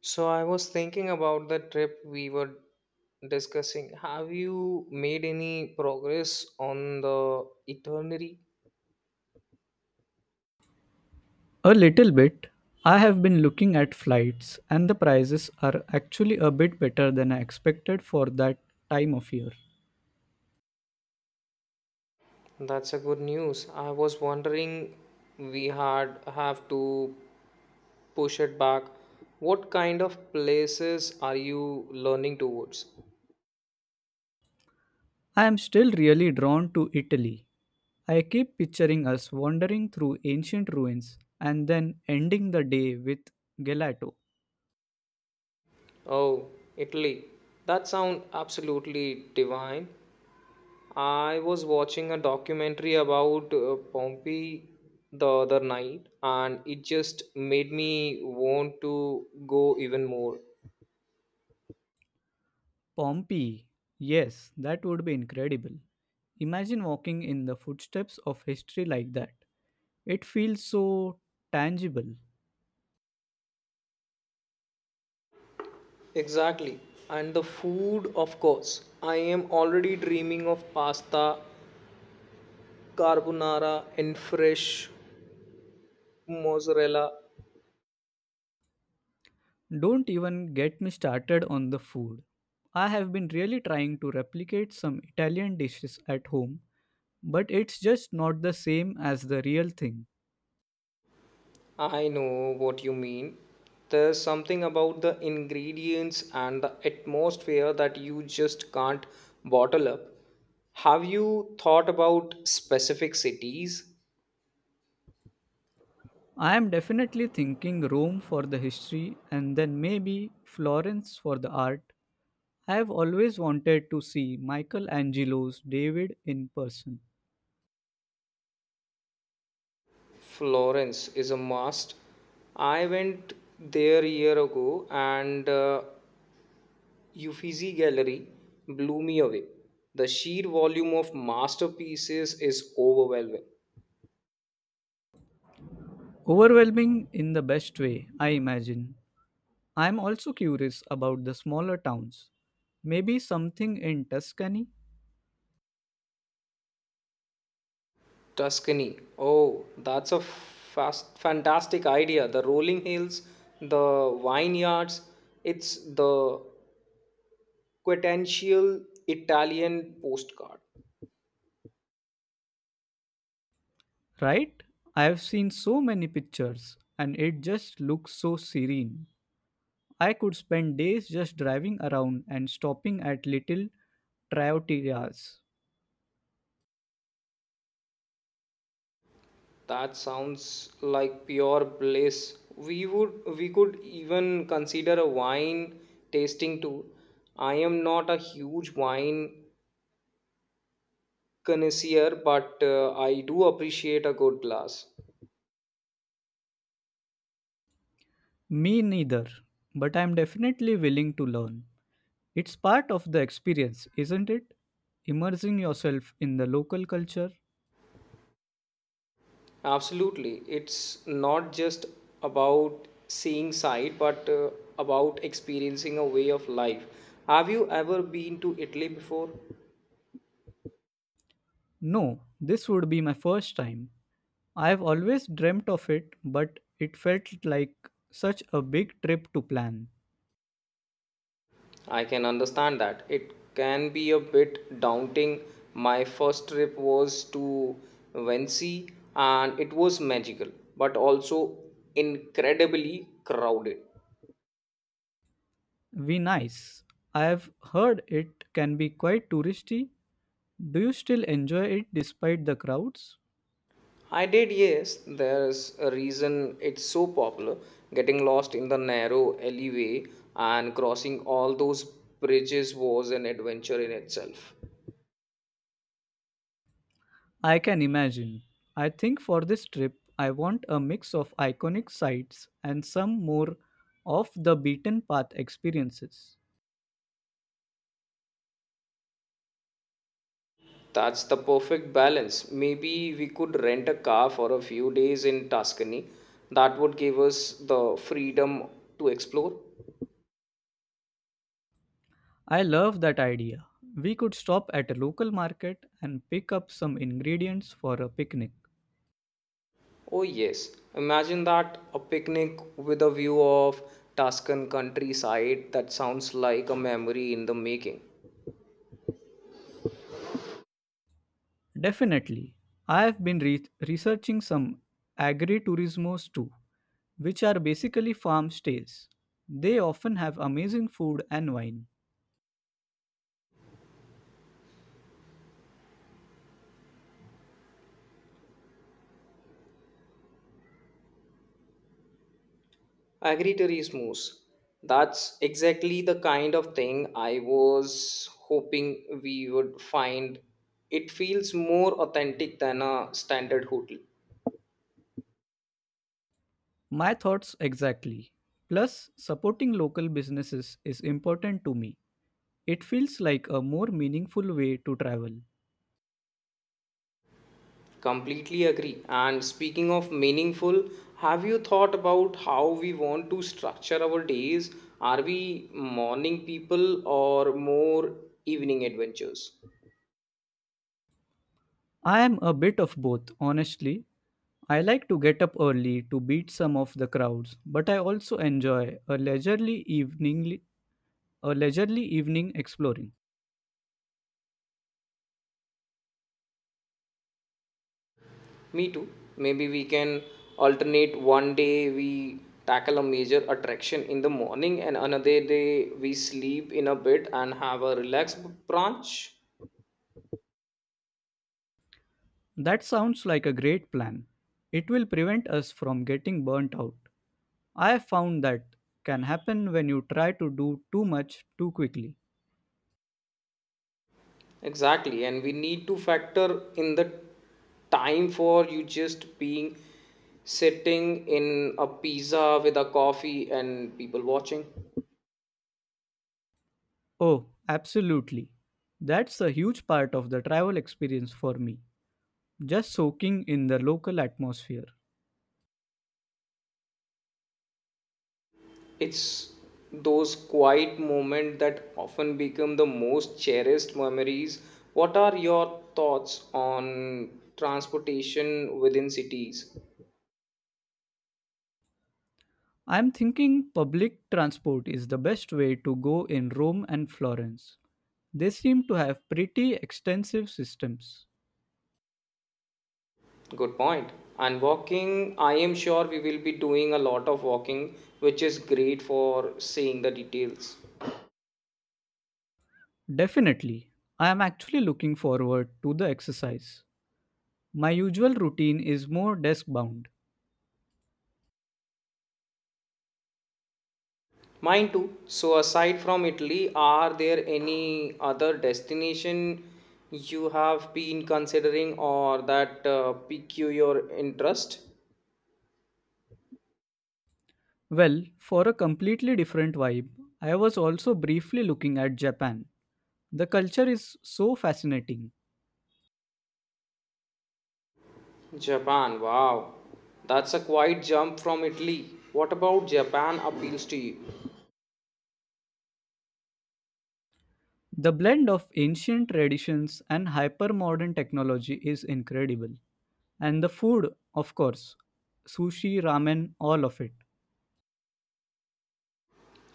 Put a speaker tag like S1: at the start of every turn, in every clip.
S1: So I was thinking about the trip we were discussing. Have you made any progress on the itinerary?
S2: A little bit. I have been looking at flights, and the prices are actually a bit better than I expected for that time of year.
S1: That's a good news. I was wondering we had have to push it back. What kind of places are you learning towards?
S2: I am still really drawn to Italy. I keep picturing us wandering through ancient ruins and then ending the day with gelato.
S1: Oh, Italy. That sounds absolutely divine. I was watching a documentary about Pompeii the other night, and it just made me want to go even more.
S2: Pompeii. Yes, that would be incredible. Imagine walking in the footsteps of history like that. It feels so tangible.
S1: Exactly. And the food, of course. I am already dreaming of pasta, carbonara, and fresh mozzarella.
S2: Don't even get me started on the food. I have been really trying to replicate some Italian dishes at home, but it's just not the same as the real thing.
S1: I know what you mean. There's something about the ingredients and the atmosphere that you just can't bottle up. Have you thought about specific cities?
S2: I am definitely thinking Rome for the history and then maybe Florence for the art. I have always wanted to see Michelangelo's David in person.
S1: Florence is a must. I went there a year ago and Uffizi Gallery blew me away. The sheer volume of masterpieces is overwhelming.
S2: Overwhelming in the best way, I imagine. I am also curious about the smaller towns. Maybe something in Tuscany.
S1: Tuscany. Oh, that's a fast, fantastic idea. The rolling hills, the vineyards. It's the quintessential Italian postcard.
S2: Right? I have seen so many pictures, and it just looks so serene. I could spend days just driving around and stopping at little trattorias.
S1: That sounds like pure bliss. We would we could even consider a wine tasting too. I am not a huge wine connoisseur, but I do appreciate a good glass.
S2: Me neither, but I'm definitely willing to learn. It's part of the experience, isn't it? Immersing yourself in the local culture.
S1: Absolutely. It's not just about seeing sight, but about experiencing a way of life. Have you ever been to Italy before?
S2: No, this would be my first time. I've always dreamt of it, but it felt like such a big trip to plan.
S1: I can understand that. It can be a bit daunting. My first trip was to Venice and it was magical, but also incredibly crowded.
S2: Venice. I've heard it can be quite touristy. Do you still enjoy it despite the crowds?
S1: I did, yes. There's a reason it's so popular. Getting lost in the narrow alleyway and crossing all those bridges was an adventure in itself.
S2: I can imagine. I think for this trip, I want a mix of iconic sites and some more off the beaten path experiences.
S1: That's the perfect balance. Maybe we could rent a car for a few days in Tuscany. That would give us the freedom to explore.
S2: I love that idea. We could stop at a local market and pick up some ingredients for a picnic.
S1: Oh, yes. Imagine that, a picnic with a view of Tuscan countryside. That sounds like a memory in the making.
S2: Definitely. I have been researching some agriturismos too, which are basically farm stays. They often have amazing food and wine.
S1: I agree to moves. That's exactly the kind of thing I was hoping we would find. It feels more authentic than a standard hotel.
S2: My thoughts exactly. Plus, supporting local businesses is important to me. It feels like a more meaningful way to travel.
S1: Completely agree. And speaking of meaningful, have you thought about how we want to structure our days? Are we morning people or more evening adventures?
S2: I am a bit of both, honestly. I like to get up early to beat some of the crowds, but I also enjoy a leisurely evening exploring.
S1: Me too. Maybe we can alternate, one day we tackle a major attraction in the morning and another day we sleep in a bit and have a relaxed brunch.
S2: That sounds like a great plan. It will prevent us from getting burnt out. I have found that can happen when you try to do too much too quickly.
S1: Exactly. And we need to factor in the time for you just being sitting in a pizza with a coffee and people watching.
S2: Oh, absolutely. That's a huge part of the travel experience for me, just soaking in the local atmosphere.
S1: It's those quiet moments that often become the most cherished memories. What are your thoughts on transportation within cities?
S2: I'm thinking public transport is the best way to go in Rome and Florence. They seem to have pretty extensive systems.
S1: Good point. And walking, I am sure we will be doing a lot of walking, which is great for seeing the details.
S2: Definitely. I am actually looking forward to the exercise. My usual routine is more desk bound.
S1: Mine too. So, aside from Italy, are there any other destination you have been considering or that pique your interest?
S2: Well, for a completely different vibe, I was also briefly looking at Japan. The culture is so fascinating.
S1: Japan, wow. That's a quite jump from Italy. What about Japan appeals to you?
S2: The blend of ancient traditions and hyper modern technology is incredible. And the food, of course, sushi, ramen, all of it.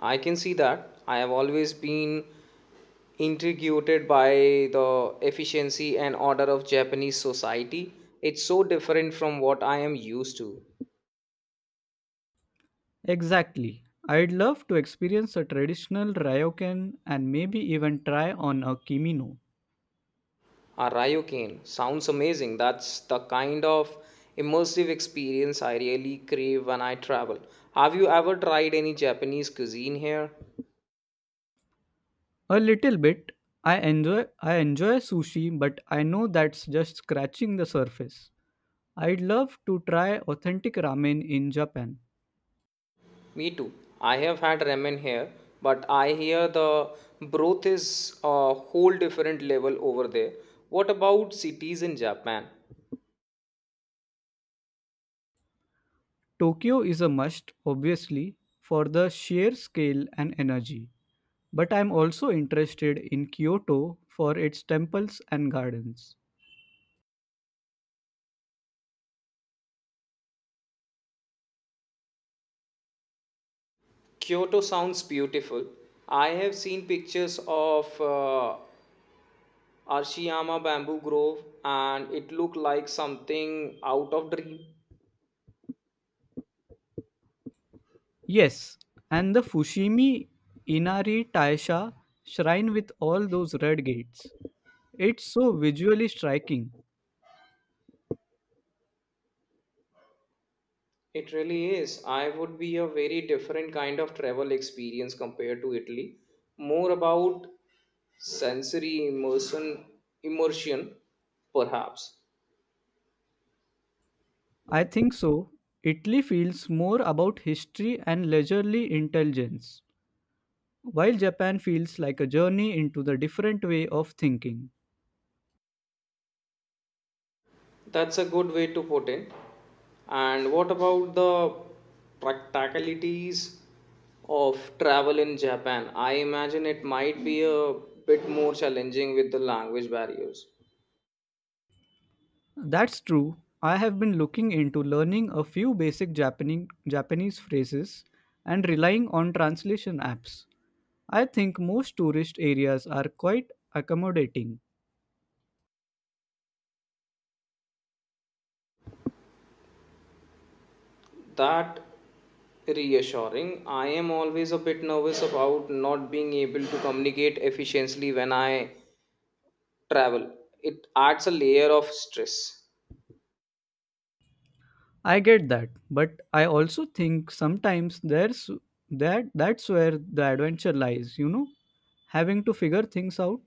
S1: I can see that. I have always been intrigued by the efficiency and order of Japanese society. It's so different from what I am used to.
S2: Exactly. I'd love to experience a traditional ryokan and maybe even try on a kimino.
S1: A ryokan sounds amazing. That's the kind of immersive experience I really crave when I travel. Have you ever tried any Japanese cuisine here?
S2: A little bit. I enjoy sushi, but I know that's just scratching the surface. I'd love to try authentic ramen in Japan.
S1: Me too. I have had ramen here, but I hear the broth is a whole different level over there. What about cities in Japan?
S2: Tokyo is a must, obviously, for the sheer scale and energy. But I'm also interested in Kyoto for its temples and gardens.
S1: Kyoto sounds beautiful. I have seen pictures of Arashiyama bamboo grove and it looked like something out of dream.
S2: Yes, and the Fushimi Inari Taisha shrine with all those red gates. It's so visually striking.
S1: It really is. I would be a very different kind of travel experience compared to Italy. More about sensory immersion, perhaps.
S2: I think so. Italy feels more about history and leisurely intelligence, while Japan feels like a journey into the different way of thinking.
S1: That's a good way to put it. And what about the practicalities of travel in Japan? I imagine it might be a bit more challenging with the language barriers.
S2: That's true. I have been looking into learning a few basic Japanese, Japanese phrases and relying on translation apps. I think most tourist areas are quite accommodating.
S1: That reassuring. I am always a bit nervous about not being able to communicate efficiently when I travel. It adds a layer of stress.
S2: I get that, but I also think sometimes there's that that's where the adventure lies, you know, having to figure things out.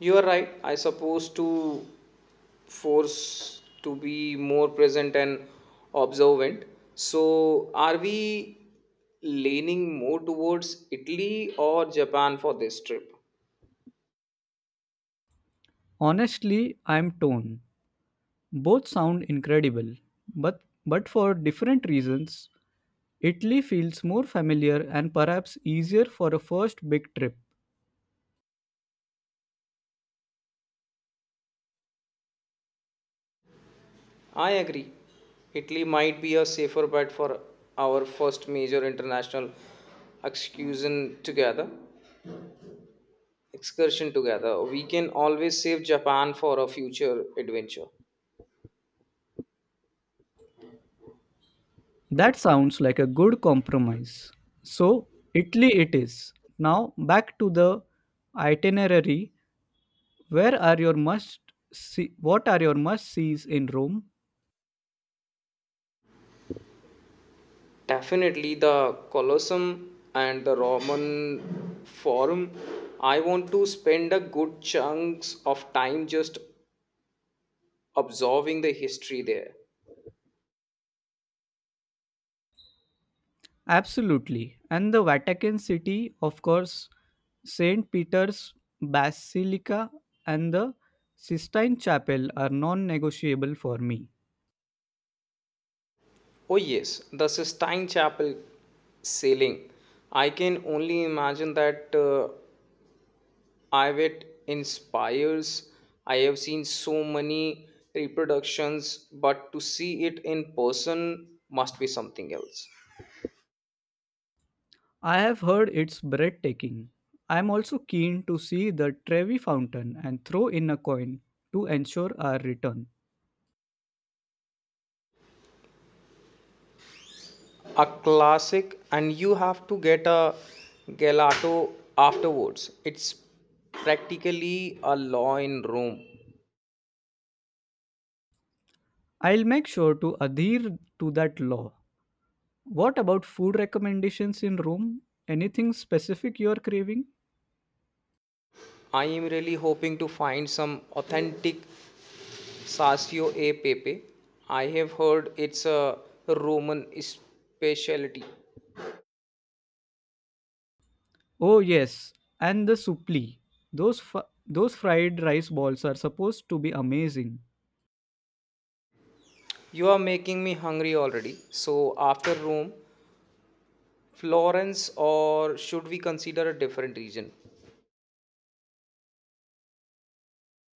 S1: You are right. I suppose to force to be more present and observant. So, are we leaning more towards Italy or Japan for this trip?
S2: Honestly, I'm torn. Both sound incredible, but for different reasons. Italy feels more familiar and perhaps easier for a first big trip.
S1: I agree. Italy might be a safer bet for our first major international excursion together. Excursion together. We can always save Japan for a future adventure.
S2: That sounds like a good compromise. So, Italy it is. Now, back to the itinerary. Where are your must see? What are your must sees in Rome?
S1: Definitely the Colosseum and the Roman Forum. I want to spend a good chunks of time just observing the history there.
S2: Absolutely, and the Vatican City, of course, Saint Peter's Basilica and the Sistine Chapel are non-negotiable for me.
S1: Oh yes, the Sistine Chapel ceiling. I can only imagine that I it inspires. I have seen so many reproductions, but to see it in person must be something else.
S2: I have heard it's breathtaking. I am also keen to see the Trevi Fountain and throw in a coin to ensure our return.
S1: A classic, and you have to get a gelato afterwards. It's practically a law in Rome.
S2: I'll make sure to adhere to that law. What about food recommendations in Rome? Anything specific you are craving?
S1: I am really hoping to find some authentic Sasio e Pepe. I have heard it's a Roman specialty.
S2: Oh yes, and the supli. Those fried rice balls are supposed to be amazing.
S1: You are making me hungry already. So, after Rome, Florence, or should we consider a different region?